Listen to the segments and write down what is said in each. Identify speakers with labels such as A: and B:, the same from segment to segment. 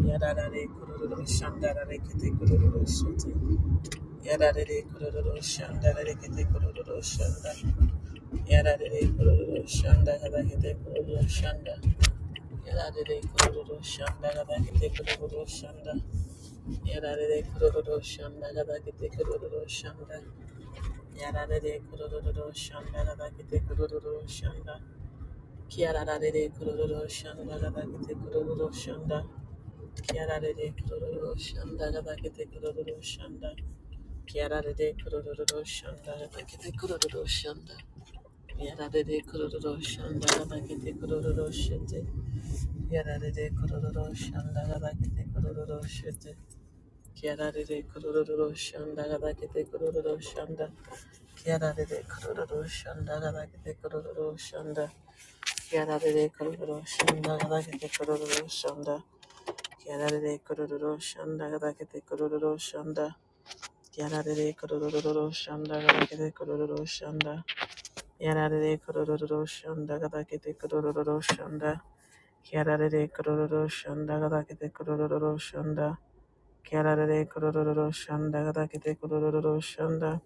A: Yadadade kururu shandadade kete kururu shete. Yadadade kururu shandadade kete kururu shanda. Yadadade kururu shandadade kete kururu shanda. Yadadade kururu shandadade kete kururu shanda. Yadadade kururu shandadade kete kururu shanda. Yadadade kururu shandadade kete kururu shanda. Kiadadade kururu shandadade kete kururu shanda. Kiararede kurururu shanda gadakete kurururu shanda. Kiararede kurururu shanda gadakete kurururu shanda. Kiararede kurururu shanda gadakete kurururu shete. Kiararede kurururu shanda gadakete kurururu shete. Kiararede kurururu shanda gadakete kurururu shanda. Kiararede kurururu shanda gadakete kurururu shanda. Kiararede kurururu shanda gadakete kurururu shanda. Yarare kororo shanda gadakete kororo shanda. Yarare kororo shanda gadakete kororo shanda. Yarare kororo shanda gadakete kororo shanda. Yarare kororo shanda gadakete kororo shanda. Yarare kororo shanda gadakete kororo shanda.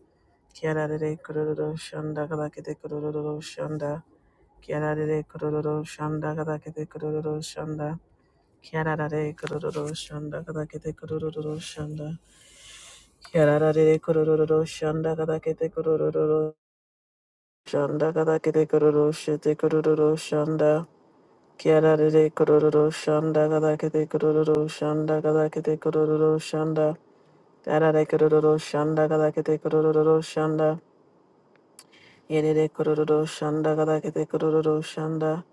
A: Yarare kororo shanda gadakete kororo shanda. Yarare kororo shanda gadakete kororo shanda. Kiararare kororo shanda kada kete kororo shanda. Kiararare kororo shanda kada kete kororo shanda kada kete kororo shete kororo shanda. Kiararare kororo shanda kada kete kororo shanda kada kete kororo shanda. Kiararare kororo shanda kada kete kororo shanda. Yerere kororo shanda kada kete kororo shanda.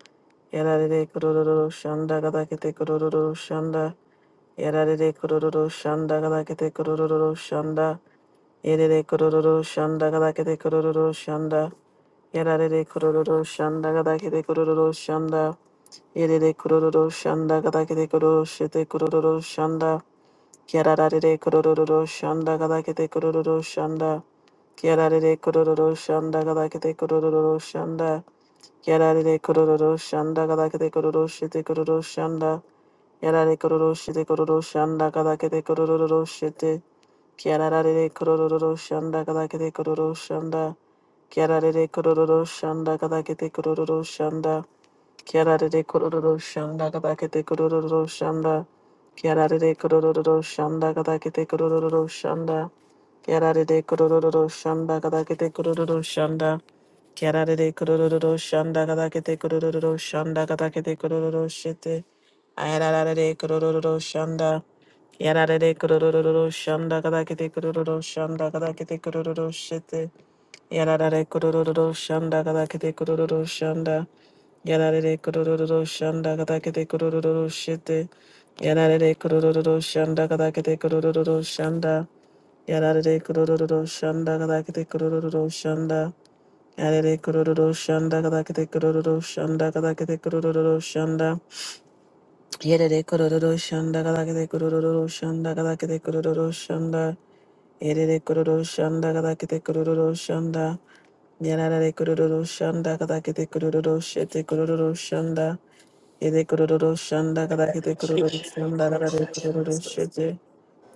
A: Yarare kororo shanda kada kete kororo shanda. Yarare kororo shanda galakete kororo shanda. Yerere kororo shanda galakete kororo shanda. Yarare kororo shanda galakete kororo shanda. Yerere kororo shanda galakete kororo shete kororo shanda. Yarare kororo shanda galakete kororo shanda. Yarare kororo shanda galakete kororo shanda. Yarare kororo shanda galakete kororo shete kororo shanda. Yarare kororo shite kororo shanda kada kete kororo shite. Kiararare kororo shanda kada kete kororo shanda. Kiararare kororo shanda kada kete kororo shanda. Kiararare kororo shanda kada kete kororo shanda. Kiararare kororo shanda kada kete kororo shanda. Kiararare kororo shanda kada kete kororo shanda. Kiararere kororo shanda gada kete shanda gada kete shete. Ayararare kororo shanda. Kiararere kororo shanda gada kete shanda gada kete shete. Yararare kororo shanda gada kete shanda. Yararare kororo shanda gada kete shete. Yararare kororo shanda gada kete shanda. Yararare kororo shanda gada kete shanda. Yarere kororo shanda kada kete kororo shanda kada kete kororo shanda. Yarere kororo shanda kada kete kororo shanda kada kete kororo shanda. Yarere kororo shanda kada kete kororo shanda. Yarere kororo shanda kada kete kororo shete kororo shanda. Yarere kororo shanda kada kete kororo
B: Ishaya
A: shanda kada kete
B: Mokoshaya
A: kororo
B: Masaya
A: shete.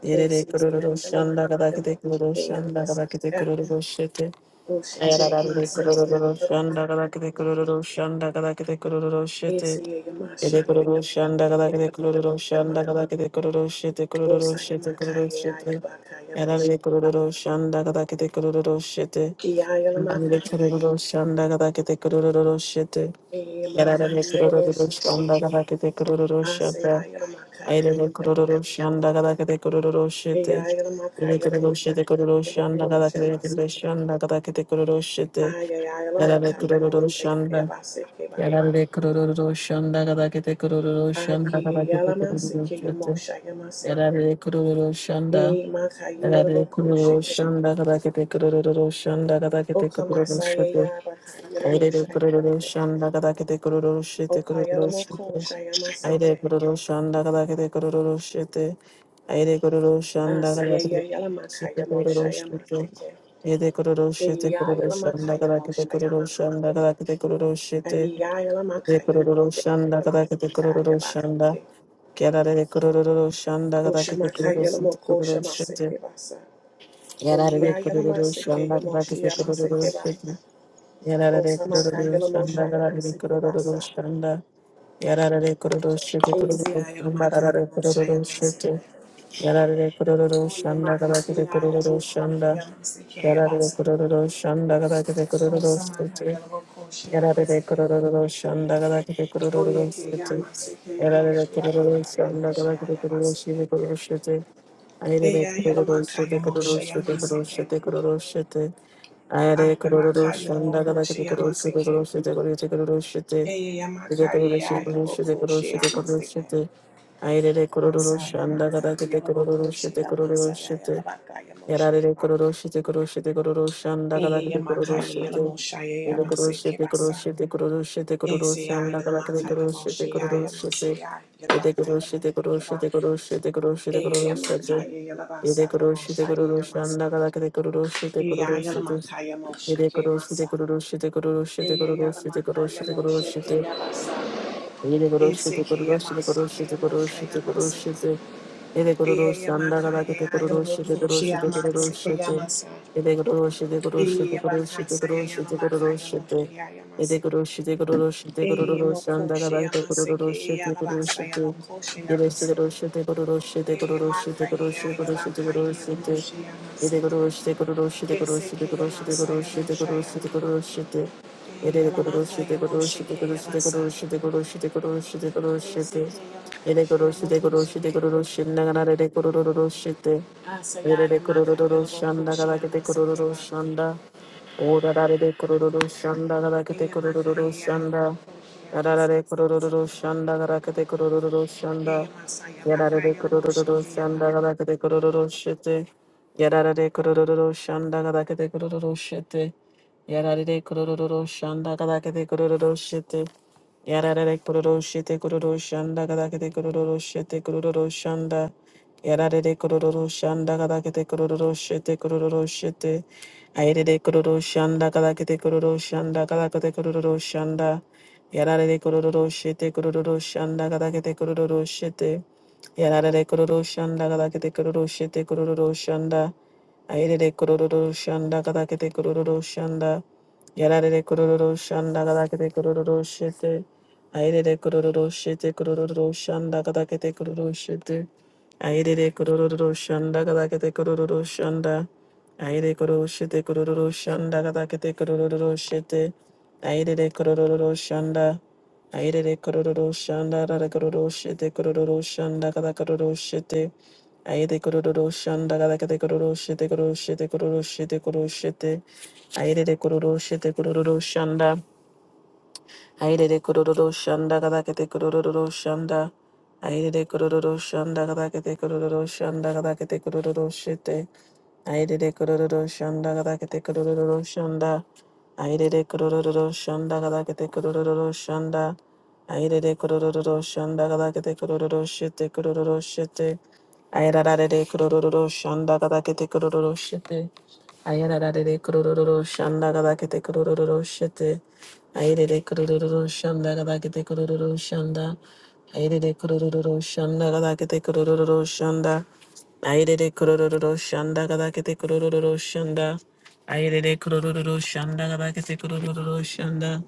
A: Yarere
B: Kesiya
A: kororo shanda
B: Yalamaka
A: kada kete kororo
B: Yamoshikeya
A: shanda kada kete
B: Masaya
A: kororo shete.
B: Oshikeya
A: Yararare
B: Masaya
A: kururu
B: Yalabaka
A: shanda kada kete
B: Yamoshike
A: kururu shanda kada kete kururu shete.
B: Esiya
A: Kete
B: Yamashaya
A: kururu kada kete
B: Yalabaka
A: kururu shanda
B: Yamokotama
A: kada kete kururu shete kururu
B: Osaya
A: shete kururu
B: Makaya
A: shete.
B: Yalabaka Yamoshike
A: Yararare kururu shanda kada kete kururu shete. Yararare
B: Yalamaka
A: kururu shanda kada kete kururu shete.
B: Yamaka
A: Yararare kururu
B: Yalaboshike
A: shanda kada kete kururu
B: Asaya
A: shete.
B: Yalamaka
A: Ayrere
B: Yamoshaya
A: kururu shanda kada kete kururu shete.
B: Yalamaka
A: Yararare kururu
B: Yamoshaya
A: shete kururu shanda kada
B: Yabokoshamasike
A: kada kete kururu shete.
B: Ayala
A: Yarare
B: Oshamakaya
A: kururu shanda. Yarare kururu shanda kada kete kururu shanda kada kete kururu shete. Yarare kururu shanda. Yarare kururu shanda kada kete kururu shanda kada kete kururu shete. Aire kururu shanda kada kete kururu shete kururu
B: Lamoko
A: shete. Aire kururu shanda kada kete kururu shete. Aire kururu shanda kada kete shete kururu shete. Aire kururu shete kururu shanda kada kete kururu shanda kada kete kururu shete. Kururu shanda kada kete kururu shanda. Kerare kururu shanda kada kete kururu shite kururu shite.
B: Shamaseke Basa.
A: Yarare
B: Oya
A: kururu
B: yalamaseke
A: shanda kada
B: yamoshi
A: kete kururu
B: yamasekeba.
A: shite. Yarare
B: Osamaka
A: kururu
B: yalamosha
A: shanda kada kete
B: yamasekeba
A: kururu
B: sa.
A: shanda. Yarare kururu shite kururu
B: Osia
A: shamba
B: yalamaka
A: yarare
B: yamosha
A: kururu
B: yamaseke.
A: shite. Yarare kururu
B: Oye
A: shanda
B: maka ya
A: kada kete kururu
B: shia,
A: shanda.
B: shi yamaseke
A: Kerare
B: yabasa.
A: kururu shanda kada kururu
B: Osamaka
A: shite.
B: yalaboko shi
A: Yarare
B: yamaseke.
A: kururu shanda kada kete
B: Oye
A: kururu
B: ke
A: shite.
B: yamaseke
A: Aire de
B: yamoshi
A: kororo
B: yabaka
A: shanda
B: yamoshi
A: gada kete kororo
B: yabaseke. Eya yalamaka yamosha yamaseke. Ah, yamaka yalaboko shi yamaseke. Eya yamaka ya yalaboko shi
A: shete
B: yamaseke. Masaya Makaya Yelabo
A: kororo
B: Masaya
A: shete
B: Yalabakaya Moshe
A: Yarare
B: Keba.
A: koroshite koroshite koroshanda
B: Eye
A: kadakade
B: Yamakaya
A: koroshite.
B: Yelamo
A: Ile koroshite koroshite koroshite
B: Esia
A: koroshanda kadakade
B: Yelamakaya
A: koroshite
B: Moshe
A: koroshite.
B: Masaya
A: Ede
B: Yalabakaya
A: koroshite
B: Moshe Keba.
A: koroshite koroshite koroshite
B: Eye
A: koroshite.
B: Yamakaya
A: Ede koroshite
B: Yamoshaya Yamase.
A: koroshanda kadakade koroshite
B: Eya
A: koroshite.
B: Yelamakaya Moshe
A: Ede koroshite
B: Kemasa.
A: koroshite koroshite
B: Eye
A: koroshite
B: Yelamakaya
A: koroshite
B: Moshe
A: koroshite.
B: Kebasa.
A: Ede koroshite
B: Esike
A: koroshite
B: Yamase
A: koroshite
B: Kemosha
A: koroshite
B: Yamase.
A: koroshite. Ede kororo
B: Eye
A: shanda kada kete
B: Yamakaya
A: kororo
B: Yelabo
A: shite kororo
B: Koshia
A: shite kororo shite. Ede kororo shite kororo shite
B: Eye
A: kororo shite
B: bakasa ya
A: kororo
B: yala
A: shite
B: maka
A: kororo
B: ya
A: shite.
B: moshi ya ya
A: Ede
B: maseke.
A: kororo shite kororo shite
B: Eye
A: kororo shanda kada
B: mokoshi ya
A: kete
B: maseke
A: kororo
B: e
A: shite
B: yala
A: kororo
B: basa ya
A: shite.
B: mokoshi ya
A: Ede shite
B: maseke.
A: kororo shite kororo shite
B: Eye
A: kororo shite
B: maka
A: kororo
B: ya
A: shite
B: ya
A: kororo shite
B: baka
A: kororo
B: ya yala
A: shite.
B: moshi ya maseke.
A: Edegoro shidegoro shidegoro
B: Eseke ya
A: shidegoro
B: masa
A: shidegoro
B: ya mosha ya ma.
A: shidegoro shide.
B: E yala
A: Edegoro
B: maka ya
A: shidegoro
B: moshi ke
A: shidegoro
B: ya basa.
A: shidegoro shidegoro shidegoro shide.
B: Eseke ya mokoshi
A: Edegoro
B: ya
A: shidegoro
B: mokoshi ke.
A: shidegoro shinda ganar edegoro shide.
B: Asa ya ya maka ya
A: Edegoro
B: yala
A: shide shanda ga
B: mokoshi ya
A: rakete
B: maseke
A: egoro
B: ba.
A: shanda. Oda da e degoro shanda ga rakete
B: Eye maka
A: egoro
B: ya ya yala
A: shanda.
B: mokoshi ya
A: Da da
B: maseke.
A: e degoro shanda ga rakete egoro
B: Eye
A: shanda.
B: masa ya
A: Yada re
B: baka
A: de
B: ya yala moshi ke ya ba.
A: korodododoshanda kadake de korododoshete. Yada re de korodododoshanda kadake de korododoshete. Yada re de korodododoshanda kadake de korododoshete. Yarare kororo shete kororo shanda kada kete kororo shete kororo shanda. Yarare kororo shanda kada kete kororo shete kororo shete. Ayere kororo shanda kada kete kororo shanda kada kete kororo shanda. Yarare kororo shete kororo shanda kada kete kororo shete. Yarare kororo shanda kada kete kororo shete kororo shanda. Ayere kororo shanda kada kete kororo shanda. Yarare kororo shanda kada kete kororo shete. Aire kororo shete kororo shanda kada kete kororo shete. Aire kororo shanda kada kete kororo shanda. Aire kororo shete kororo shanda kada kete kororo shete. Aire kororo shanda. Aire kororo shanda kada kororo shete kororo shanda kada kororo shete. Aire kororo shanda kada kete kororo shete kororo shete kororo shete kororo shete. Aire kororo shete kororo shanda. Aire de kororo shanda kada kete kororo shanda. Aire de kororo shanda kada kete kororo shanda kada kete kororo shete. Aire de kororo shanda kada kete kororo shanda. Aire de kororo shanda kada kete kororo shanda. Aire de kororo shanda kada kete kororo shete kororo shete. Aire de kororo shanda kada kete kororo shete. Ayararare kurururu shanda gadakete kurururu shete. Ayerere kurururu shanda gadakete kurururu shanda. Ayerere kurururu shanda gadakete kurururu shanda. Ayerere kurururu shanda gadakete kurururu shanda. Ayerere kurururu shanda gadakete kurururu shanda.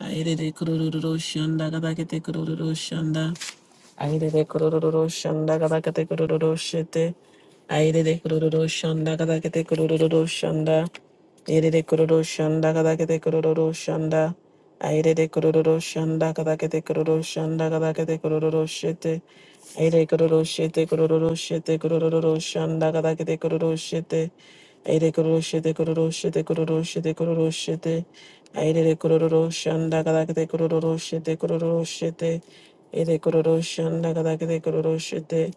A: Ayerere kurururu shanda gadakete kurururu shanda. Aire de kororo shanda kada kate kororo shete. Aire de kororo shanda kada kate kororo shanda. Aire de kororo shanda kada kate kororo shanda. Aire de kororo shanda kada kate kororo shanda kada kate kororo shete. Aire kororo shete kororo shete kororo shanda kada kate kororo shete. Aire kororo shete kororo shete kororo shete kororo shete. Aire de kororo shanda kada kate kororo shete kororo shete. Ere kororo shanda kada kete kororo shete.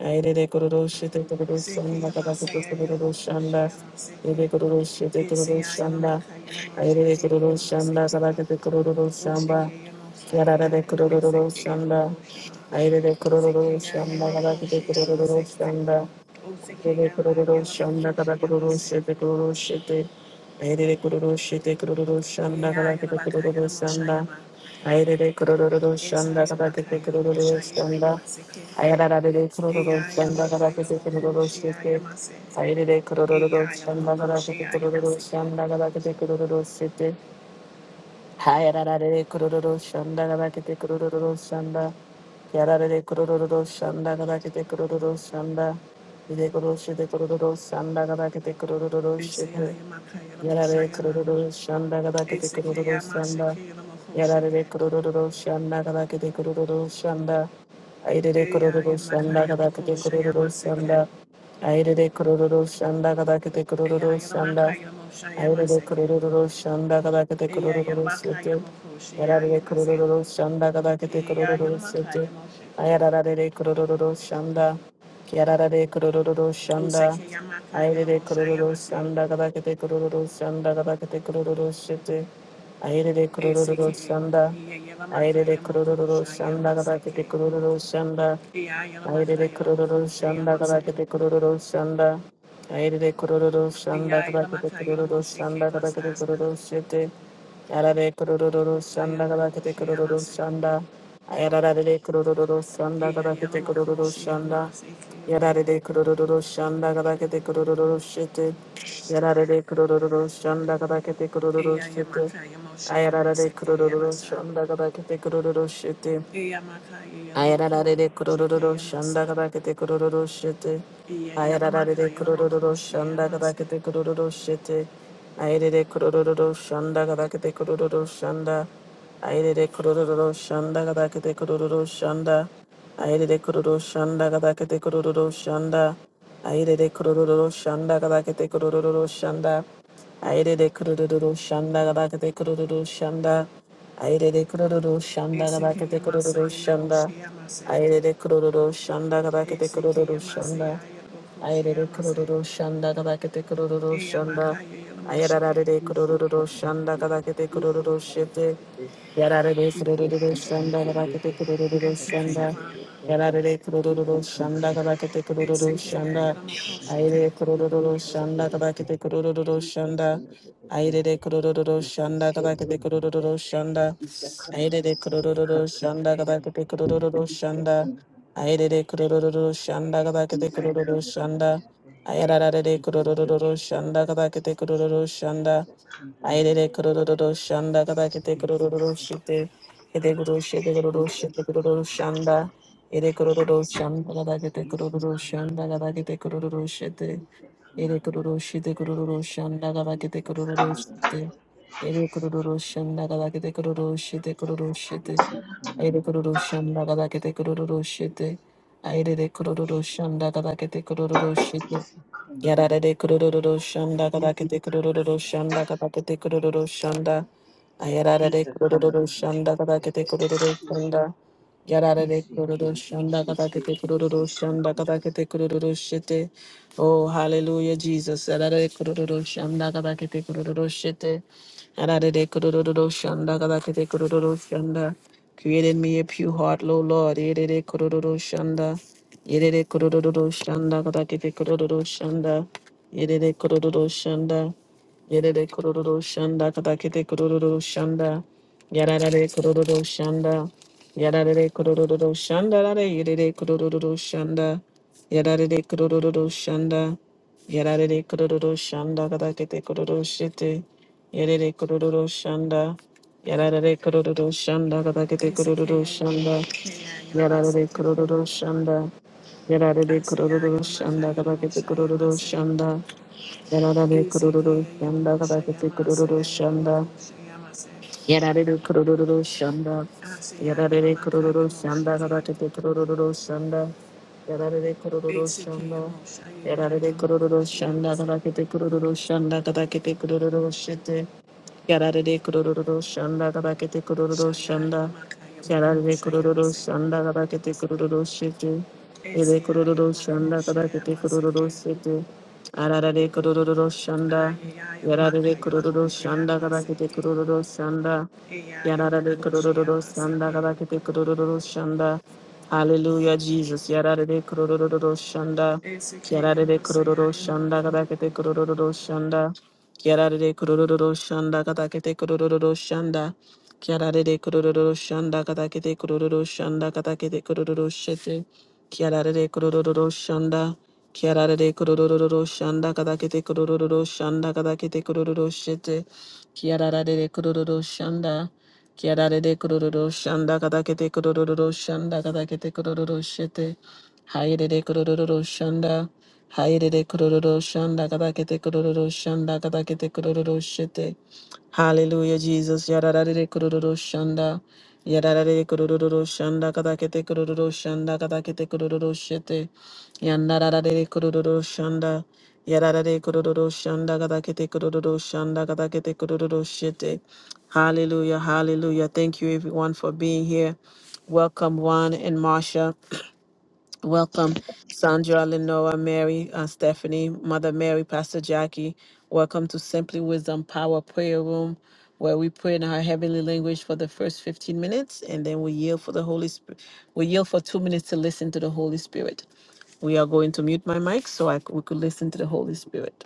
A: Aire de kororo shete kororo
B: Seke
A: shanda kada kete
B: yamasaya
A: kororo
B: yalomoko she
A: shanda.
B: yamaseke.
A: Ere kororo shete kororo
B: Eseya
A: shanda.
B: yalamaka yalamo
A: Aire de
B: sheke
A: kororo shanda
B: yalamaseke
A: kada
B: ba.
A: kete kororo
B: O
A: shamba.
B: sheke yamosaya
A: Yarara de kororo
B: yalamaseke yaloko
A: shanda.
B: shama.
A: Aire de kororo
B: Seke ya
A: shanda kada
B: yalamoko
A: kete
B: she
A: kororo
B: yamaseke.
A: shanda.
B: O seke
A: Yere
B: yama
A: kururu
B: yalamoko
A: shanda kara
B: she
A: kururu
B: yamase.
A: shete kururu shete. Ayere kururu shete kururu
B: Oye
A: shanda
B: ya
A: kara kete
B: yalabaka
A: kururu
B: yalamo
A: shanda.
B: shayama.
A: Ayere kururu
B: Esa
A: shanda kara
B: yamaka
A: kete
B: yalamo
A: kururu
B: shaye
A: shanda.
B: kapaseke.
A: Ayara de kururu
B: Eya
A: shanda
B: yalamaka
A: kara kete
B: yalamoko
A: kururu
B: she
A: shete.
B: yamase.
A: Ayere kururu
B: Eya
A: shanda
B: yalamoko
A: kara
B: she
A: kete kururu
B: yamaseke.
A: shanda kara kete kururu shete. Hayarare kururu shanda gabakete kururu shanda. Kiarare kururu shanda gabakete kururu shanda. Ide kururu shite kururu shanda gabakete kururu shite. Yarare
B: Eseyayamakaryamoshayama.
A: kururu shanda gada kete kururu shanda.
B: Esekeyamashekeyamokosheke.
A: Yarare kururu shanda gada kete kururu shanda. Aire kururu shanda gada kete kururu
B: Eyayamakaryamokoshyamaseke.
A: shanda. Aire kururu shanda gada kete kururu shanda. Aire
B: Eyayamakaryamoshyamaseke.
A: kururu shanda gada kete kururu shete. Yarare
B: Eyayamakaryamokoshayamase.
A: kururu shanda gada kete kururu shete.
B: Eyayamakaryamosheke.
A: Ayarare kururu shanda. Yarare kururu shanda. Aire kororo
B: Osekeyamakaryamoshayamase.
A: shanda kada kete kororo shanda kada kete kororo shete. Aire kororo
B: Eseke.
A: shanda. Aire kororo shanda kada kete
B: Eyayamakaryamokoshyamaseke.
A: kororo shanda. Aire kororo shanda kada
B: Eyayamakaryamokoshayamase.
A: kete kororo shanda. Aire kororo shanda kada kete kororo shanda kada
B: Eyayamakaryamoshekemasa.
A: kete kororo shete. Arare kororo shanda kada kete kororo
B: Osayamakoshiyamase.
A: shanda. Ayarare kororo shanda kada kete kororo shanda.
B: Eyayalamakoshiyamase keyaboko.
A: Yarare kurururu shanda kadakete kurururu shete. Yarare kurururu shanda kadakete kurururu shete. Ayarare
B: Eyayamakayamoshayamase
A: kurururu
B: keyabasa.
A: shanda kadakete kurururu shete.
B: Eyamakayayalamoko
A: Ayararare kororo
B: shekeyamasa.
A: shanda kabakete kororo shete. Ayararare kororo shanda
B: Eyayalamakayalamokoshiyamase.
A: kabakete kororo shete. Ayarare kororo shanda kabakete kororo shanda. Ayarare kororo shanda kabakete kororo shanda. Ayarare kororo shanda kabakete kororo shanda. Ayarare kororo shanda kabakete kororo shanda. Aire de kururu shanda gada de kururu shanda. Aire de kururu shanda gada de
B: Esekeyamasa
A: kururu shanda.
B: yayaboshiyamase.
A: Aire de kururu shanda gada kete kururu
B: Esekeyamase
A: shanda. Aire de
B: yayabokoshiyamase.
A: kururu shanda gada de kururu shanda. Aire
B: Eyamakayayamoshike.
A: de kururu shanda
C: Isakanabe,
A: gada de kururu
C: Isakanabe,
A: shete. Yarare
C: Isakanabe,
A: kururu shanda
C: Isakanabe,
A: garakete kururu shanda.
C: Isakanabe, Isakanabe,
B: Esekeyama.
A: Yarare kururu shanda
C: Isakanabe,
A: garakete kururu shanda.
B: Esekayayamokoshike.
A: Aire
C: Isakanabe, Isakanabe, Isakanda,
A: kururu
C: Isakanda
A: shanda
C: de da
A: garakete
C: day,
A: kururu shanda.
C: Isakanda de da
A: Aire
C: day,
A: de kururu shanda
C: Isakanda
A: garakete
C: de da
A: kururu
C: day,
A: shanda.
C: Isakanda
A: Aire
C: de
A: de kururu shanda
C: da
A: garakete kururu shanda. Aire de kururu shanda garakete kururu shanda. Ayarare kururu shanda garakete kururu
C: day,
A: shanda.
C: Isakanda
A: Aire
C: de da day.
A: kororo shanda kada kete
C: Isa
A: kororo
C: kanta da da
A: shite
C: da.
A: kete kororo shite kororo
C: Isa
A: shite kororo shanda ere kororo shanda kada kete kororo
C: kanta
A: shanda
C: kanta
A: kada kete
C: da.
A: kororo shite
C: Isa kanta
A: ere
C: da da
A: kororo
C: da
A: shite
C: da.
A: kororo shanda kada kete
C: Isa
A: kororo
C: kanta da da da da.
A: shite ere kororo shanda kada kete kororo shite kororo shite aire kororo shanda kada kete kororo shite aire kororo shanda kada kete kororo shite
C: Isa kanta da da
A: Yarada de
C: da
A: kurururu
C: da.
A: shanda katakete
C: Isa kanta da da
A: kurururu
C: da da.
A: shanda katakete kurururu shanda. Ayarada de
C: Isa kanta da da da da. Isa kanta da da da da. Isa kanta da da da
A: kurururu
C: da.
A: shanda katakete kurururu
C: Isa
A: shanda. Yarare
C: K.
A: kururu shanda
C: Isa K.
A: katakete
C: Isa
A: kururu shanda
C: Koto.
A: katakete kururu shete. Oh, hallelujah, Jesus. Yarare kururu shanda katakete kururu shete. Yarare kururu shanda katakete kururu shanda. Created me a pure heart, Lo Lord. Yarare kururu shanda. Yarare kururu shanda katakete kururu shanda. Yarare kururu shanda. Yedede kororo shanda katakete kororo shanda. Yadadade kororo shanda. Yadadade kororo shanda. Dade yedede kororo shanda. Yadadade kororo shanda. Yadadade kororo shanda katakete kororo shete. Yedede kororo shanda. Yadadade kororo shanda katakete kororo shanda.
B: Esekayayamoshike. Yalabase
A: Yadadade kororo shanda. Yadadade
B: Asaya
A: kororo
B: Yalamaka
A: shanda katakete
B: Yalamosha
A: kororo
B: Yamase.
A: shanda. Yarara be
B: Iseke
A: kururu shanda kada
B: Yalamosha
A: kete
B: Yamase
A: kururu shanda.
B: Yalamokosha Yamase.
A: Yarare kururu shanda.
B: Asaya
A: Yarare
B: Yalamaka
A: kururu shanda.
B: Yamoshike.
A: Yarare kururu shanda. Yarare kururu
B: Iseke
A: shanda.
B: Yamosha
A: Yarare kururu
B: Yalamokosha
A: shanda.
B: Yamase.
A: Yarare kururu shanda. Yarare kururu shete. Yarare kururu shanda. Yarare kururu
B: Shaya
A: shanda.
B: Yalamaka
A: Yarare
B: Yamokosha
A: kururu
B: Yamase.
A: shanda. Yarare kururu shete. Ere
B: Esaya
A: kururu shanda.
B: Yalamokosha
A: Yarare kururu
B: Yamaseke.
A: shete. Arare kururu shanda.
B: Ayaya Yalamaka
A: Yarare kororo
B: Yalamosha
A: shanda kabakete
B: Yamaseke.
A: kororo shanda.
B: Eya
A: Yarare
B: Yalamokosha
A: kororo shanda
B: Yamaseke.
A: kabakete kororo shanda. Hallelujah, Jesus. Yarare kororo shanda.
B: Eseke
A: Yarare
B: Yamasaya
A: kororo shanda
B: Yalamoko.
A: kabakete kororo shanda. Yarare kororo shanda kabakete kororo shanda. Yarare kororo shanda kabakete kororo shanda kabakete kororo shete. Yarare kororo shanda. Kiarare kororo shanda kadakete kororo shanda kadakete kororo shete. Kiarare kororo shanda. Kiarare kororo shanda kadakete kororo shanda kadakete kororo shete. Hayere kororo shanda. Hayere kororo shanda kadakete kororo shanda kadakete kororo shete. Hallelujah, Jesus. Yararare kororo shanda. Yararare kororo shanda kadakete kororo shanda kadakete kororo shete. Yandarare kururu shanda. Yararare kururu shanda gadakete kururu shanda gadakete kururu shete. Hallelujah, hallelujah. Thank you everyone for being here. Welcome Juan and Marsha. Welcome, Sandra, Lenora, Mary, uh, Stephanie, Mother Mary, Pastor Jackie. Welcome to Simply Wisdom Power Prayer Room, where we pray in our heavenly language for the first 15 minutes, and then we yield for the Holy Spirit. We yield for two minutes to listen to the Holy Spirit. We are going to mute my mic so I c- we could listen to the Holy Spirit.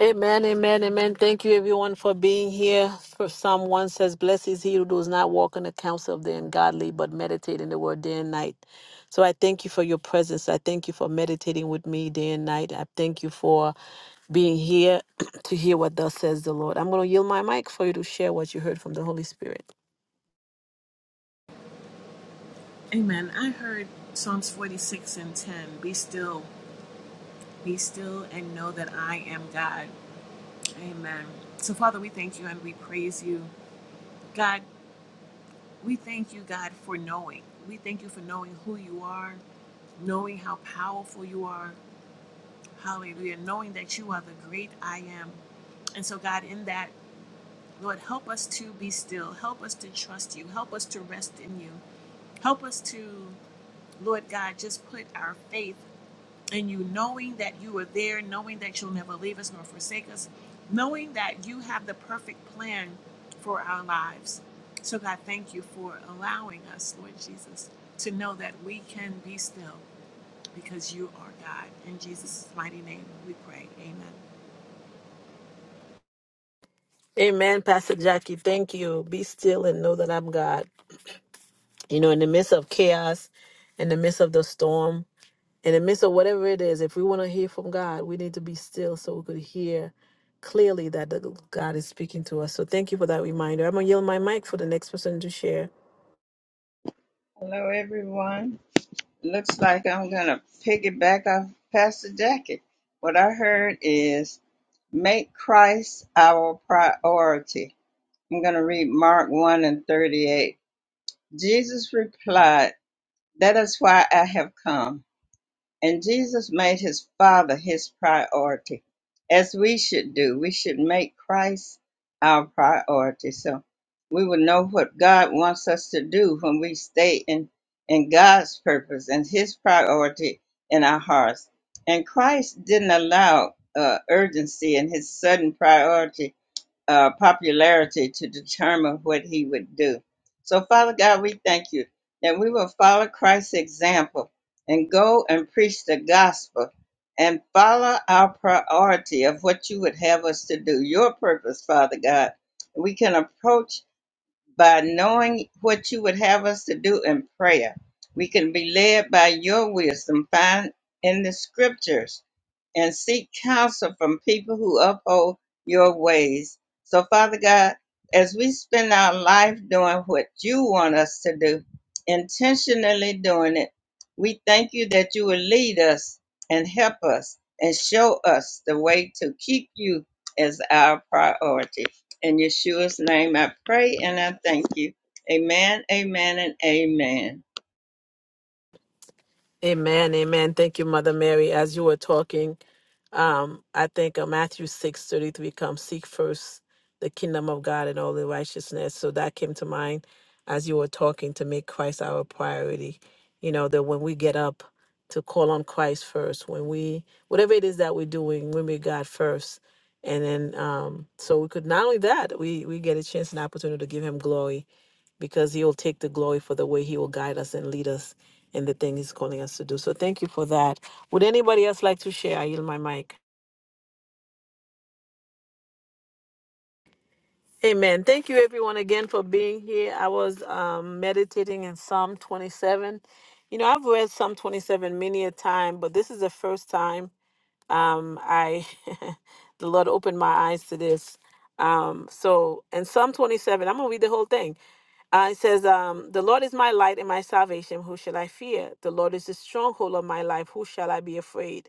A: Amen, amen, amen. Thank you, everyone, for being here. For Psalm 1 says, Blessed is he who does not walk in the counsel of the ungodly, but meditate in the word day and night. So I thank you for your presence. I thank you for meditating with me day and night. I thank you for being here to hear what thus says the Lord. I'm going to yield my mic for you to share what you heard from the Holy Spirit.
B: Amen. I heard Psalms 46 and 10. Be still, be still, and know that I am God. Amen. So, Father, we thank you and we praise you. God, we thank you, God, for knowing. We thank you for knowing who you are, knowing how powerful you are. Hallelujah. Knowing that you are the great I am. And so, God, in that, Lord, help us to be still. Help us to trust you. Help us to rest in you. Help us to, Lord God, just put our faith. and you knowing that you are there, knowing that you'll never leave us nor forsake us, knowing that you have the perfect plan for our lives. So, God, thank you for allowing us, Lord Jesus, to know that we can be still because you are God. In Jesus' mighty name we pray. Amen.
A: Amen, Pastor Jackie. Thank you. Be still and know that I'm God. You know, in the midst of chaos, in the midst of the storm, in the midst of whatever it is, if we want to hear from God, we need to be still so we could hear clearly that the God is speaking to us. So thank you for that reminder. I'm going to yield my mic for the next person to share.
D: Hello, everyone. Looks like I'm going to piggyback off Pastor Jackie. What I heard is make Christ our priority. I'm going to read Mark 1 and 38. Jesus replied, That is why I have come. And Jesus made his Father his priority, as we should do. We should make Christ our priority. So we will know what God wants us to do when we stay in, in God's purpose and his priority in our hearts. And Christ didn't allow uh, urgency and his sudden priority uh, popularity to determine what he would do. So, Father God, we thank you that we will follow Christ's example and go and preach the gospel and follow our priority of what you would have us to do, your purpose, Father God. We can approach by knowing what you would have us to do in prayer. We can be led by your wisdom, find in the scriptures and seek counsel from people who uphold your ways. So, Father God, as we spend our life doing what you want us to do, intentionally doing it, we thank you that you will lead us and help us and show us the way to keep you as our priority. In Yeshua's name, I pray and I thank you. Amen, amen, and amen.
A: Amen. Amen. Thank you, Mother Mary. As you were talking, Um, I think uh, Matthew six thirty three comes seek first the kingdom of God and all the righteousness. So that came to mind as you were talking to make Christ our priority. You know that when we get up to call on Christ first, when we whatever it is that we're doing, when we make God first, and then um, so we could not only that we we get a chance and opportunity to give Him glory because He'll take the glory for the way He will guide us and lead us in the thing He's calling us to do. So thank you for that. Would anybody else like to share? I yield my mic. Amen. Thank you, everyone, again for being here. I was um, meditating in Psalm 27. You know, I've read Psalm 27 many a time, but this is the first time um, I, the Lord opened my eyes to this. Um, so, in Psalm 27, I'm going to read the whole thing. Uh, it says, um, The Lord is my light and my salvation. Who shall I fear? The Lord is the stronghold of my life. Who shall I be afraid?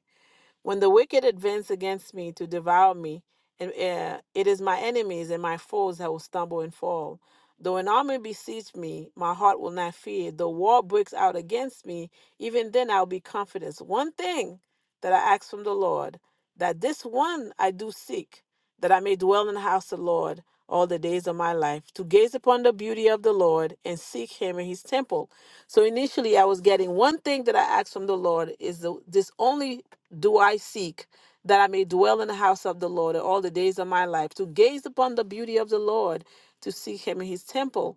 A: When the wicked advance against me to devour me, and uh, it is my enemies and my foes that will stumble and fall. Though an army besiege me, my heart will not fear. Though war breaks out against me, even then I'll be confident. One thing that I ask from the Lord, that this one I do seek, that I may dwell in the house of the Lord all the days of my life, to gaze upon the beauty of the Lord and seek him in his temple. So initially, I was getting one thing that I asked from the Lord is the, this only do I seek that I may dwell in the house of the Lord all the days of my life, to gaze upon the beauty of the Lord, to seek him in his temple.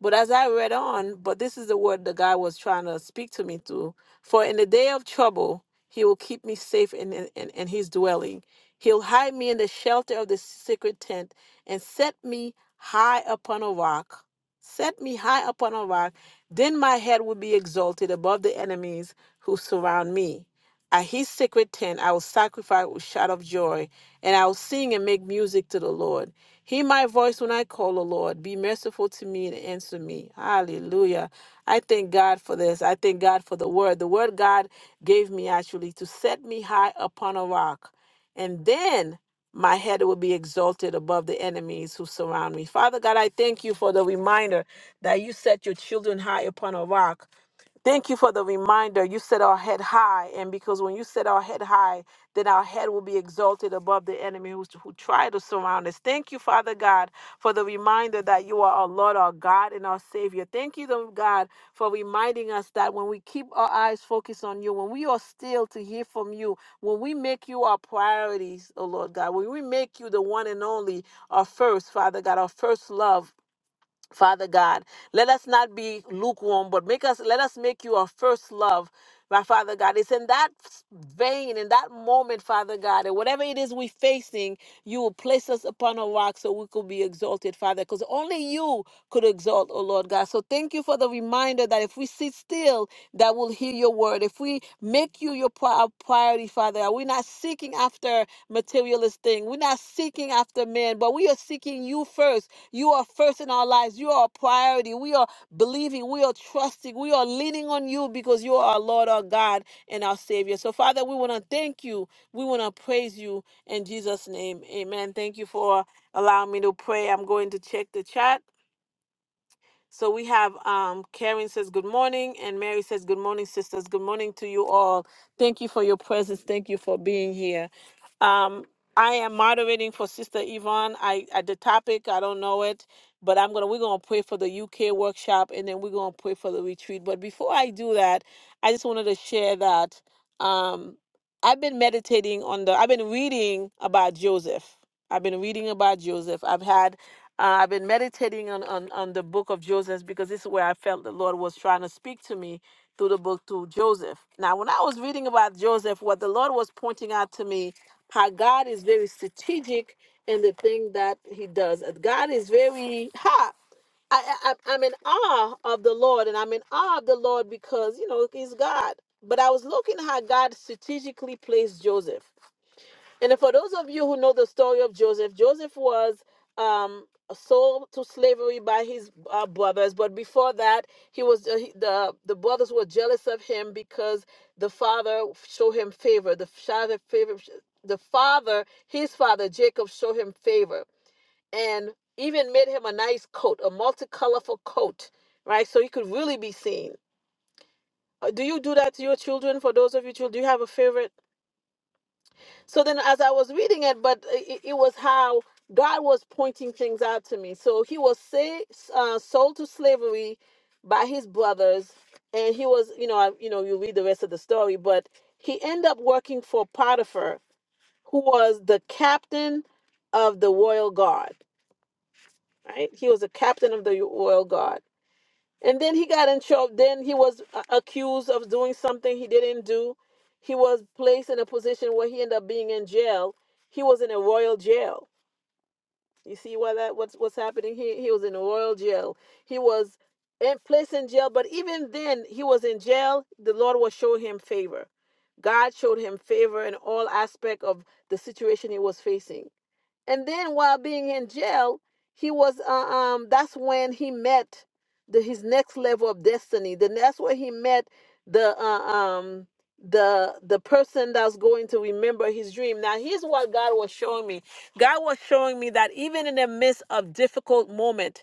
A: But as I read on, but this is the word the guy was trying to speak to me through. For in the day of trouble, he will keep me safe in, in, in in his dwelling. He'll hide me in the shelter of the secret tent and set me high upon a rock. Set me high upon a rock. Then my head will be exalted above the enemies who surround me. At his secret tent, I will sacrifice with shout of joy and I'll sing and make music to the Lord. Hear my voice when I call, O Lord. Be merciful to me and answer me. Hallelujah. I thank God for this. I thank God for the word. The word God gave me actually to set me high upon a rock, and then my head will be exalted above the enemies who surround me. Father God, I thank you for the reminder that you set your children high upon a rock Thank you for the reminder. You set our head high, and because when you set our head high, then our head will be exalted above the enemy who, who try to surround us. Thank you, Father God, for the reminder that you are our Lord, our God, and our Savior. Thank you, Lord God, for reminding us that when we keep our eyes focused on you, when we are still to hear from you, when we make you our priorities, oh Lord God, when we make you the one and only, our first, Father God, our first love. Father God, let us not be lukewarm, but make us let us make you our first love, my Father God. It's in that vein, in that moment, Father God, and whatever it is we're facing, you will place us upon a rock so we could be exalted, Father, because only you could exalt, oh Lord God. So thank you for the reminder that if we sit still, that will hear your word. If we make you your pri- our priority, Father, we're not seeking after materialist thing. We're not seeking after men, but we are seeking you first you are first in our lives. You are a priority. We are believing. We are trusting. We are leaning on you because you are our Lord, our God, and our Savior. So, Father, we want to thank you. We want to praise you in Jesus' name. Amen. Thank you for allowing me to pray. I'm going to check the chat. So we have um, Karen says good morning, and Mary says good morning, sisters. Good morning to you all. Thank you for your presence. Thank you for being here. Um, I am moderating for Sister Yvonne. I at the topic, I don't know it, but I'm gonna we're gonna pray for the UK workshop and then we're gonna pray for the retreat. But before I do that, I just wanted to share that um I've been meditating on the I've been reading about Joseph. I've been reading about Joseph. I've had uh, I've been meditating on, on on the book of Joseph because this is where I felt the Lord was trying to speak to me through the book to Joseph. Now, when I was reading about Joseph, what the Lord was pointing out to me how God is very strategic in the thing that He does. God is very ha. I, I I'm in awe of the Lord, and I'm in awe of the Lord because you know He's God. But I was looking how God strategically placed Joseph. And for those of you who know the story of Joseph, Joseph was um, sold to slavery by his uh, brothers, but before that, he was uh, he- the the brothers were jealous of him because the father showed him favor. The father favor, the father, his father Jacob showed him favor and even made him a nice coat, a multicolorful coat, right? So he could really be seen. Uh, Do you do that to your children? For those of you children, do you have a favorite? So then, as I was reading it, but it, it was how God was pointing things out to me. So he was say, uh, sold to slavery by his brothers, and he was, you know, I, you know, you read the rest of the story, but he ended up working for Potiphar, who was the captain of the royal guard. Right? He was the captain of the royal guard. And then he got in trouble. Then he was uh, accused of doing something he didn't do. He was placed in a position where he ended up being in jail. He was in a royal jail. You see why that what's what's happening here? He was in a royal jail. He was in, placed in jail, but even then he was in jail. The Lord will show him favor. God showed him favor in all aspect of the situation he was facing and then while being in jail, he was uh, um that's when he met the his next level of destiny. Then that's where he met the uh, um the the person that's going to remember his dream. Now here's what God was showing me. God was showing me that even in the midst of difficult moment,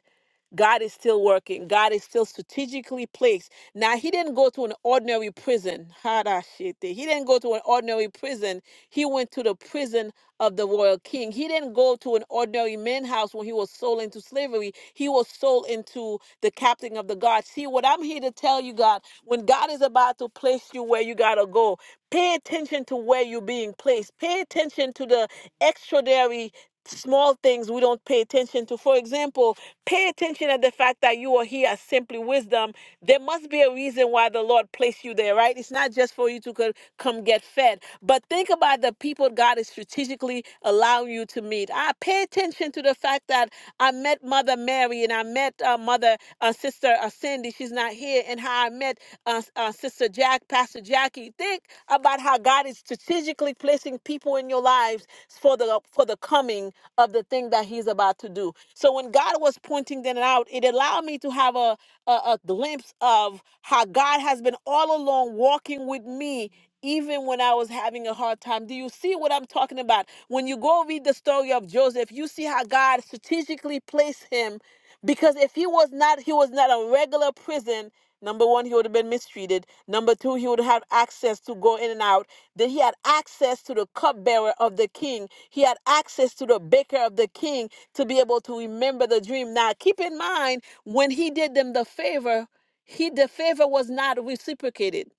A: God is still working. God is still strategically placed. Now, he didn't go to an ordinary prison. Harashite. He didn't go to an ordinary prison. He went to the prison of the royal king. He didn't go to an ordinary man's house when he was sold into slavery. He was sold into the captain of the guard. See, what I'm here to tell you, God, when God is about to place you where you got to go, pay attention to where you're being placed. Pay attention to the extraordinary small things we don't pay attention to. For example, Pay attention at the fact that you are here at Simply Wisdom there must be a reason why the Lord placed you there, right? It's not just for you to co- come get fed, but think about the people God is strategically allowing you to meet. I pay attention to the fact that I met Mother Mary and I met uh, Mother uh, Sister uh, Cindy. She's not here, and how I met uh, uh, Sister Jack, Pastor Jackie. Think about how God is strategically placing people in your lives for the for the coming of the thing that He's about to do. So when God was pointing that out, it allowed me to have a a, a glimpse of how God has been all along walking with me. Even when I was having a hard time, do you see what I'm talking about? When you go read the story of Joseph, you see how God strategically placed him because if he was not, he was not a regular prison. Number one, he would have been mistreated. Number two, he would have access to go in and out. Then he had access to the cupbearer of the king. He had access to the baker of the king to be able to remember the dream. Now, keep in mind when he did them the favor, he the favor was not reciprocated.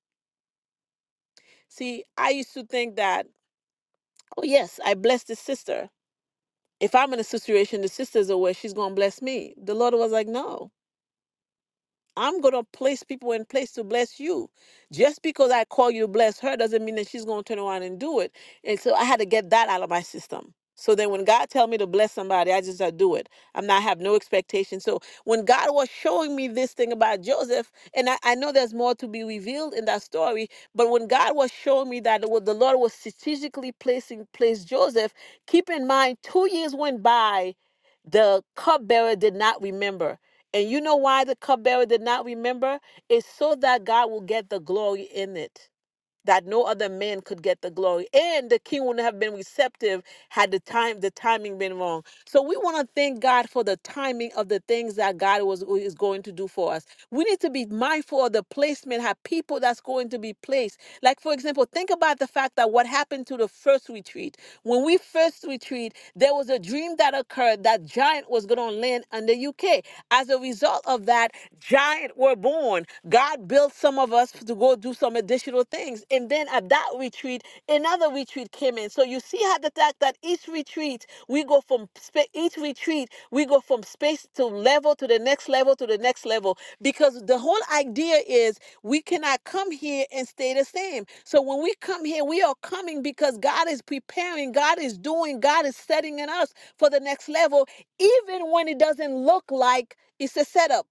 A: See, I used to think that, oh yes, I blessed the sister. If I'm in a situation, the sister's aware she's gonna bless me. The Lord was like, no. I'm gonna place people in place to bless you. Just because I call you to bless her doesn't mean that she's gonna turn around and do it. And so I had to get that out of my system. So then when God tell me to bless somebody, I just I do it. I'm not have no expectation. So when God was showing me this thing about Joseph, and I, I know there's more to be revealed in that story, but when God was showing me that what the Lord was strategically placing place Joseph, keep in mind two years went by the cupbearer did not remember. And you know why the cupbearer did not remember? It's so that God will get the glory in it that no other man could get the glory and the king wouldn't have been receptive had the time the timing been wrong so we want to thank god for the timing of the things that god was is going to do for us we need to be mindful of the placement how people that's going to be placed like for example think about the fact that what happened to the first retreat when we first retreat there was a dream that occurred that giant was going to land on the uk as a result of that giant were born God built some of us to go do some additional things. And then at that retreat, another retreat came in. So you see how the fact that each retreat, we go from spa- each retreat, we go from space to level to the next level to the next level. Because the whole idea is we cannot come here and stay the same. So when we come here, we are coming because God is preparing, God is doing, God is setting in us for the next level, even when it doesn't look like it's a setup.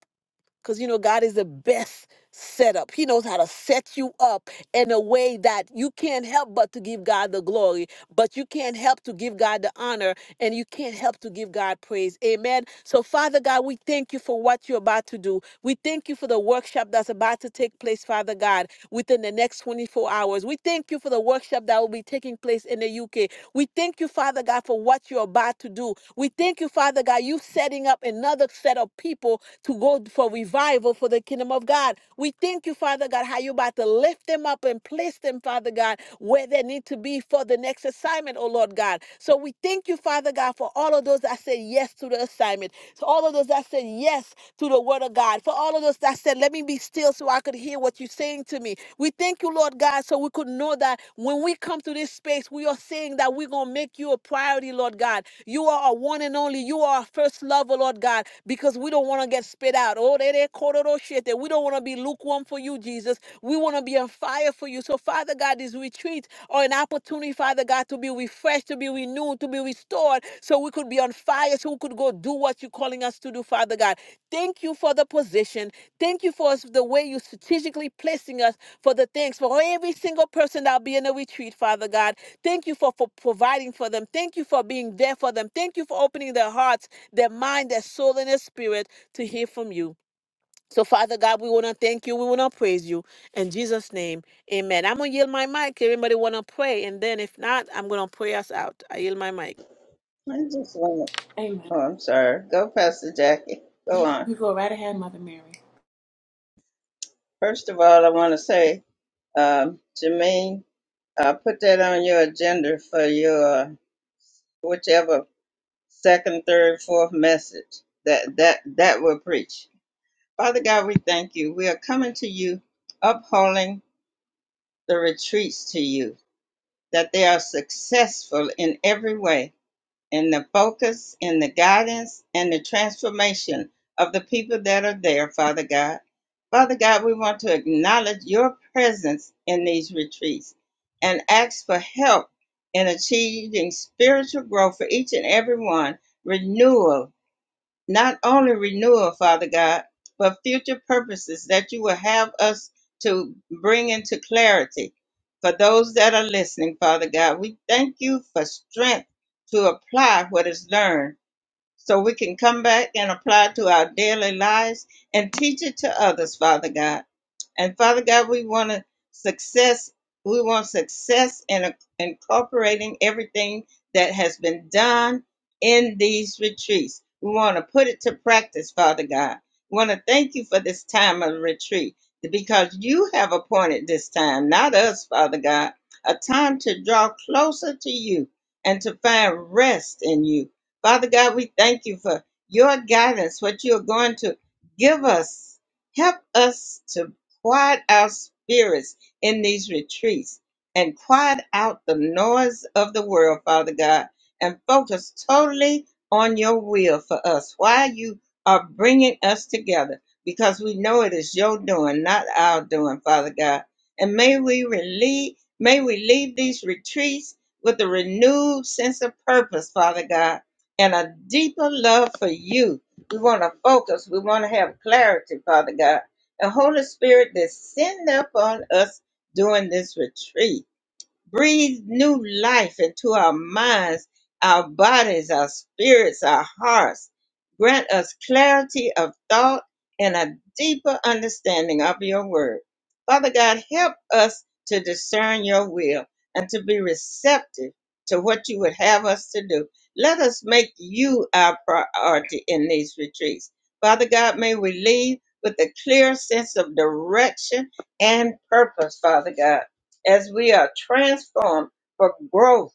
A: Because you know, God is the best setup. He knows how to set you up in a way that you can't help but to give God the glory, but you can't help to give God the honor, and you can't help to give God praise. Amen. So, Father God, we thank you for what you're about to do. We thank you for the workshop that's about to take place, Father God, within the next 24 hours. We thank you for the workshop that will be taking place in the UK. We thank you, Father God, for what you're about to do. We thank you, Father God, you setting up another set of people to go for revival for the kingdom of God. We thank you, Father God, how you're about to lift them up and place them, Father God, where they need to be for the next assignment, oh Lord God. So we thank you, Father God, for all of those that said yes to the assignment, for all of those that said yes to the word of God, for all of those that said, Let me be still so I could hear what you're saying to me. We thank you, Lord God, so we could know that when we come to this space, we are are saying that we're going to make you a priority, Lord God. You are our one and only. You are our first lover, Lord God, because we don't want to get spit out. Oh, they, they, kororo shit. That We don't want to be lukewarm for you, Jesus. We want to be on fire for you. So, Father God, these retreats are an opportunity, Father God, to be refreshed, to be renewed, to be restored, so we could be on fire, so we could go do what you're calling us to do, Father God. Thank you for the position. Thank you for us- the way you strategically placing us for the thanks for every single person that'll be in the retreat, Father God. Thank you for, for providing for them. Thank you for being there for them. Thank you for opening their hearts, their mind, their soul, and their spirit to hear from you. So, Father God, we want to thank you. We want to praise you. In Jesus' name, amen. I'm going to yield my mic. Everybody want to pray. And then if not, I'm going to pray us out. I yield my mic.
D: I just want
B: Amen.
D: to, oh, I'm sorry. Go, Pastor Jackie. Go on.
B: You go right ahead, Mother Mary.
D: First of all, I want to say, um, Jermaine, uh, put that on your agenda for your uh, whichever second, third, fourth message that that that will preach. Father God, we thank you. We are coming to you, upholding the retreats to you, that they are successful in every way. and the focus and the guidance and the transformation of the people that are there, Father God. Father God, we want to acknowledge your presence in these retreats and ask for help in achieving spiritual growth for each and every one, renewal not only renewal, Father God, but future purposes that you will have us to bring into clarity. For those that are listening, Father God, we thank you for strength to apply what is learned so we can come back and apply to our daily lives and teach it to others, Father God. And Father God, we want to success. We want success in a- incorporating everything that has been done in these retreats. We want to put it to practice, Father God. We want to thank you for this time of retreat because you have appointed this time, not us, Father God, a time to draw closer to you and to find rest in you. Father God, we thank you for your guidance, what you are going to give us help us to quiet our spirits in these retreats and quiet out the noise of the world, Father God, and focus totally on your will for us while you are bringing us together because we know it is your doing, not our doing, Father God. And may we relieve, may we leave these retreats with a renewed sense of purpose, Father God, and a deeper love for you. We want to focus. We want to have clarity, Father God the Holy Spirit descend upon us during this retreat breathe new life into our minds, our bodies, our spirits, our hearts. Grant us clarity of thought and a deeper understanding of your word. Father God, help us to discern your will and to be receptive to what you would have us to do. Let us make you our priority in these retreats. Father God, may we leave with a clear sense of direction and purpose, Father God as we are transformed for growth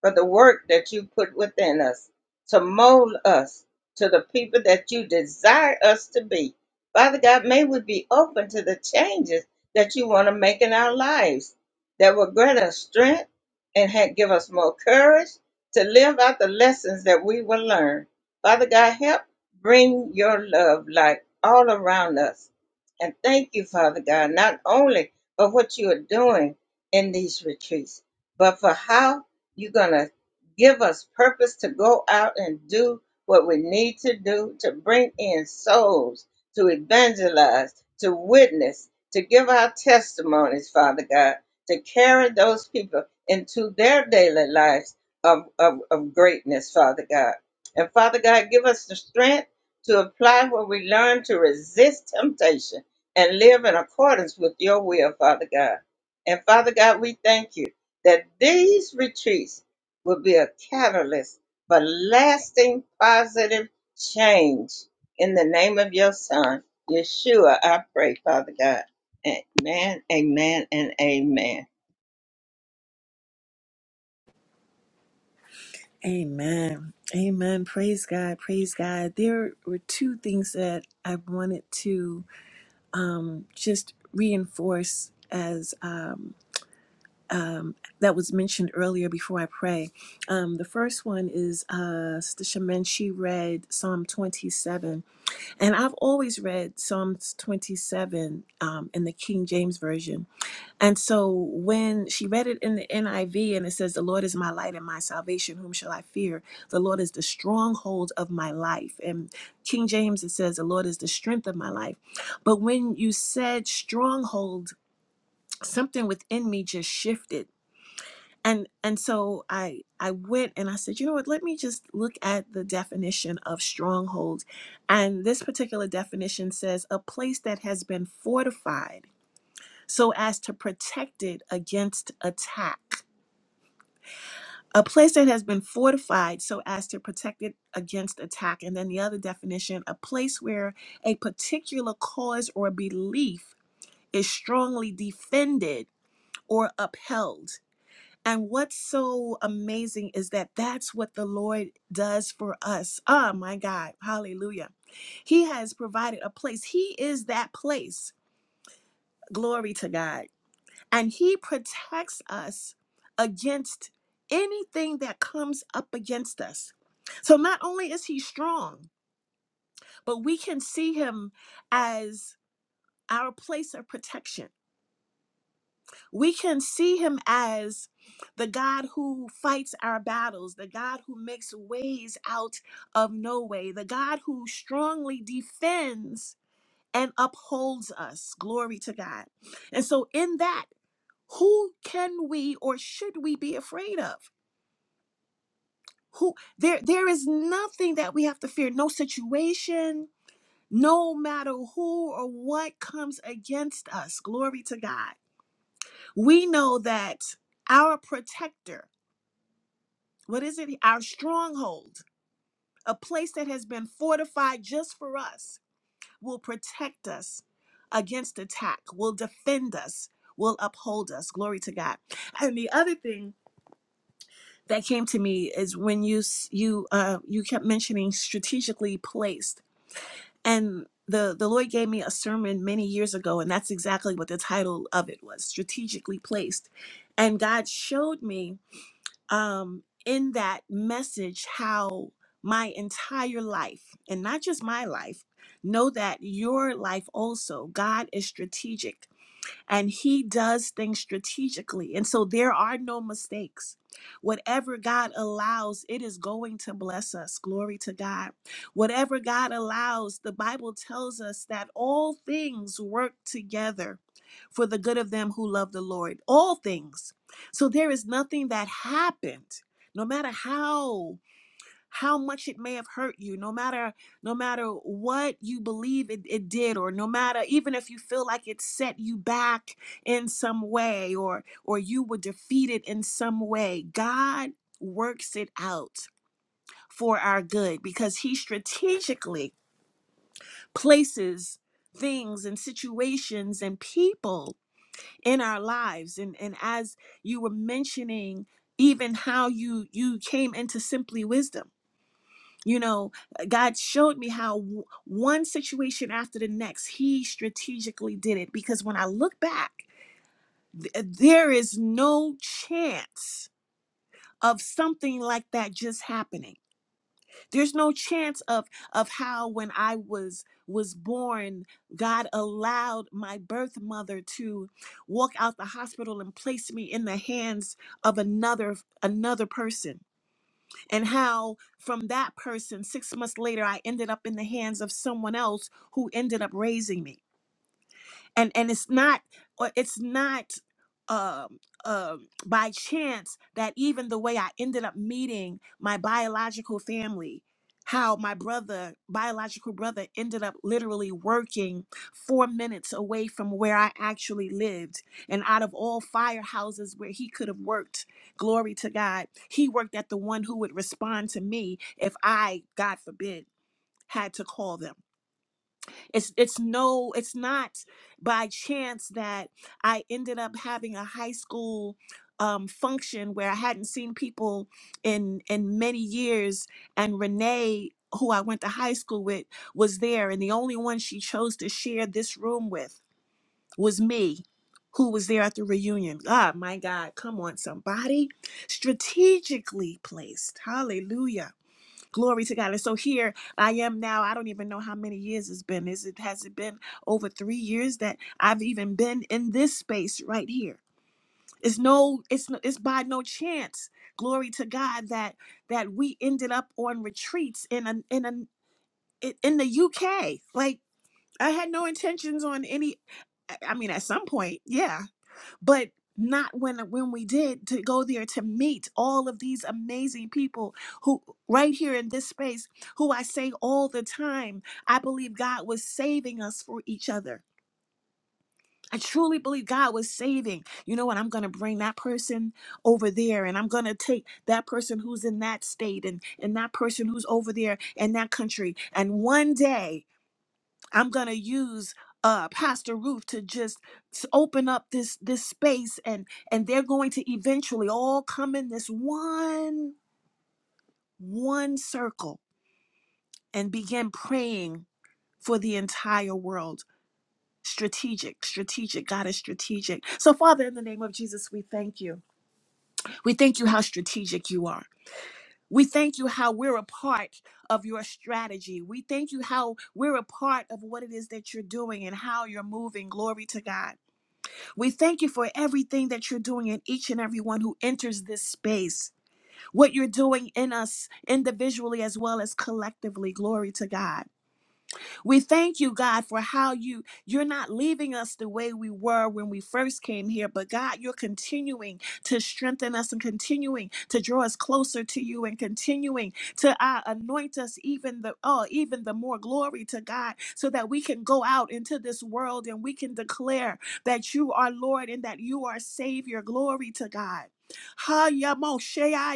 D: for the work that you put within us to mold us to the people that you desire us to be. Father God, may we be open to the changes that you want to make in our lives that will grant us strength and ha- give us more courage to live out the lessons that we will learn. Father God, help bring your love light all around us. And thank you, Father God, not only for what you are doing in these retreats, but for how you're going to give us purpose to go out and do what we need to do to bring in souls, to evangelize, to witness, to give our testimonies, Father God, to carry those people into their daily lives of, of, of greatness, Father God. And Father God, give us the strength to apply what we learn to resist temptation and live in accordance with your will, Father God. And Father God, we thank you that these retreats will be a catalyst for lasting positive change. In the name of your son, Yeshua, I pray, Father God. Amen, amen, and amen.
B: Amen. Amen. Praise God. Praise God. There were two things that I wanted to um, just reinforce as. that was mentioned earlier before I pray. Um, the first one is uh, Sister Shaman, she read Psalm 27. And I've always read Psalms 27 um, in the King James Version. And so when she read it in the NIV and it says, The Lord is my light and my salvation, whom shall I fear? The Lord is the stronghold of my life. And King James, it says, The Lord is the strength of my life. But when you said stronghold, something within me just shifted and and so i i went and i said you know what let me just look at the definition of stronghold and this particular definition says a place that has been fortified so as to protect it against attack a place that has been fortified so as to protect it against attack and then the other definition a place where a particular cause or belief is strongly defended or upheld And what's so amazing is that that's what the Lord does for us. Oh my God. Hallelujah. He has provided a place. He is that place. Glory to God. And He protects us against anything that comes up against us. So not only is He strong, but we can see Him as our place of protection We can see him as the God who fights our battles, the God who makes ways out of no way, the God who strongly defends and upholds us. Glory to God. And so in that, who can we or should we be afraid of? Who there there is nothing that we have to fear, no situation, no matter who or what comes against us. Glory to God. We know that our protector what is it? Our stronghold, a place that has been fortified just for us, will protect us against attack, will defend us, will uphold us. Glory to God. And the other thing that came to me is when you s- you uh you kept mentioning strategically placed and the, the Lord gave me a sermon many years ago, and that's exactly what the title of it was strategically placed. And God showed me um, in that message how my entire life, and not just my life, know that your life also, God is strategic and he does things strategically. And so there are no mistakes. Whatever God allows, it is going to bless us. Glory to God. Whatever God allows, the Bible tells us that all things work together for the good of them who love the Lord. All things. So there is nothing that happened, no matter how how much it may have hurt you no matter no matter what you believe it, it did or no matter even if you feel like it set you back in some way or or you were defeated in some way god works it out for our good because he strategically places things and situations and people in our lives and and as you were mentioning even how you you came into simply wisdom you know, uh, God showed me how w- one situation after the next, He strategically did it. Because when I look back, th- uh, there is no chance of something like that just happening. There's no chance of of how when I was was born, God allowed my birth mother to walk out the hospital and place me in the hands of another another person and how from that person, six months later, I ended up in the hands of someone else who ended up raising me and and it's not or it's not um um by chance that even the way I ended up meeting my biological family how my brother biological brother ended up literally working 4 minutes away from where I actually lived and out of all firehouses where he could have worked glory to God he worked at the one who would respond to me if I god forbid had to call them it's it's no it's not by chance that I ended up having a high school um, function where I hadn't seen people in in many years, and Renee, who I went to high school with, was there, and the only one she chose to share this room with was me, who was there at the reunion. Ah, my God, come on, somebody, strategically placed. Hallelujah Glory to God. And so here I am now. I don't even know how many years it's been. Is it has it been over three years that I've even been in this space right here? It's no, it's no, it's by no chance. Glory to God that that we ended up on retreats in an in an in in the UK. Like I had no intentions on any. I I mean, at some point, yeah but not when when we did to go there to meet all of these amazing people who right here in this space who I say all the time I believe God was saving us for each other. I truly believe God was saving. You know what? I'm going to bring that person over there and I'm going to take that person who's in that state and and that person who's over there in that country and one day I'm gonna use uh Pastor Ruth to just s- open up this this space and and they're going to eventually all come in this one one circle and begin praying for the entire world. Strategic, strategic, God is strategic. So, Father, in the name of Jesus, we thank you. We thank you how strategic you are. We thank you how we're a part of your strategy. We thank you how we're a part of what it is that you're doing and how you're moving. Glory to God. We thank you for everything that you're doing in each and everyone who enters this space, what you're doing in us individually as well as collectively. Glory to God. We thank you, God, for how you you're not leaving us the way we were when we first came here, but God, you're continuing to strengthen us and continuing to draw us closer to you and continuing to uh, anoint us even the oh even the more glory to God so that we can go out into this world and we can declare that you are Lord and that you are Savior. Glory to God. Ha ya mo she ya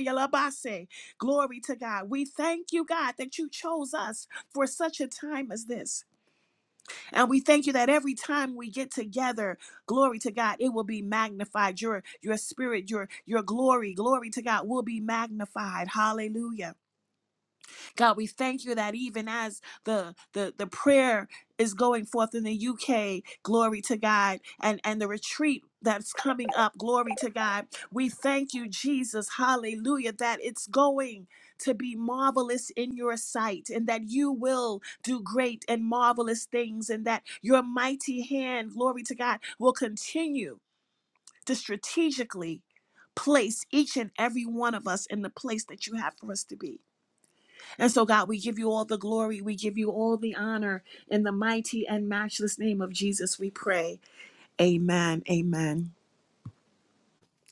B: Glory to God. We thank you, God, that you chose us for such a time as this. And we thank you that every time we get together, glory to God, it will be magnified. Your your spirit, your your glory, glory to God will be magnified. Hallelujah. God, we thank you that even as the the the prayer is going forth in the UK, glory to God, and and the retreat that's coming up, glory to God. We thank you, Jesus, hallelujah, that it's going to be marvelous in your sight and that you will do great and marvelous things and that your mighty hand, glory to God, will continue to strategically place each and every one of us in the place that you have for us to be. And so, God, we give you all the glory. We give you all the honor. In the mighty and matchless name of Jesus, we pray. Amen. Amen.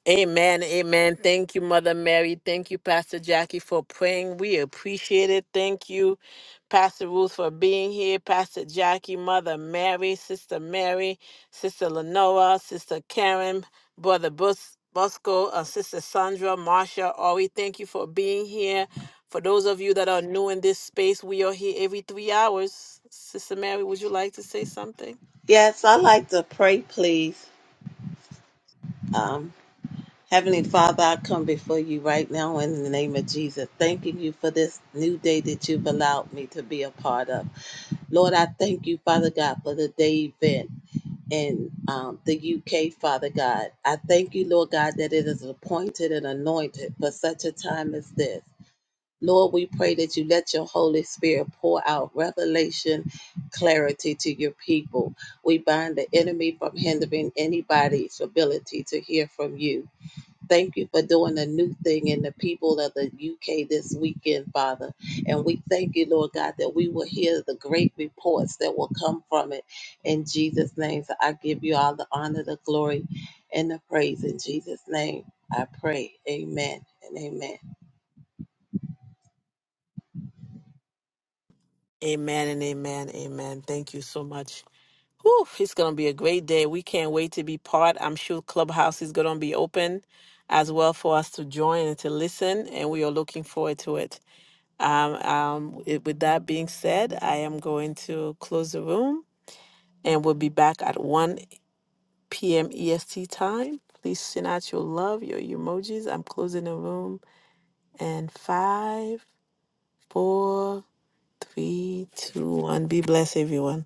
A: Amen. Amen. Thank you, Mother Mary. Thank you, Pastor Jackie, for praying. We appreciate it. Thank you, Pastor Ruth, for being here. Pastor Jackie, Mother Mary, Sister Mary, Sister Lenora, Sister Karen, Brother Bus- Bosco, uh, Sister Sandra, Marsha, Ori. Thank you for being here. For those of you that are new in this space, we are here every three hours. Sister Mary, would you like to say something?
E: Yes, I like to pray, please. Um, Heavenly Father, I come before you right now in the name of Jesus, thanking you for this new day that you've allowed me to be a part of. Lord, I thank you, Father God, for the day event in um, the UK, Father God. I thank you, Lord God, that it is appointed and anointed for such a time as this. Lord, we pray that you let your Holy Spirit pour out revelation, clarity to your people. We bind the enemy from hindering anybody's ability to hear from you. Thank you for doing a new thing in the people of the UK this weekend, Father. And we thank you, Lord God, that we will hear the great reports that will come from it. In Jesus' name, so I give you all the honor, the glory, and the praise. In Jesus' name, I pray. Amen and amen.
A: Amen and amen. Amen. Thank you so much. Whew, it's going to be a great day. We can't wait to be part. I'm sure Clubhouse is going to be open as well for us to join and to listen, and we are looking forward to it. Um, um, it- with that being said, I am going to close the room and we'll be back at 1 p.m. EST time. Please send out your love, your emojis. I'm closing the room. And five, four, three, two, one. Be blessed, everyone.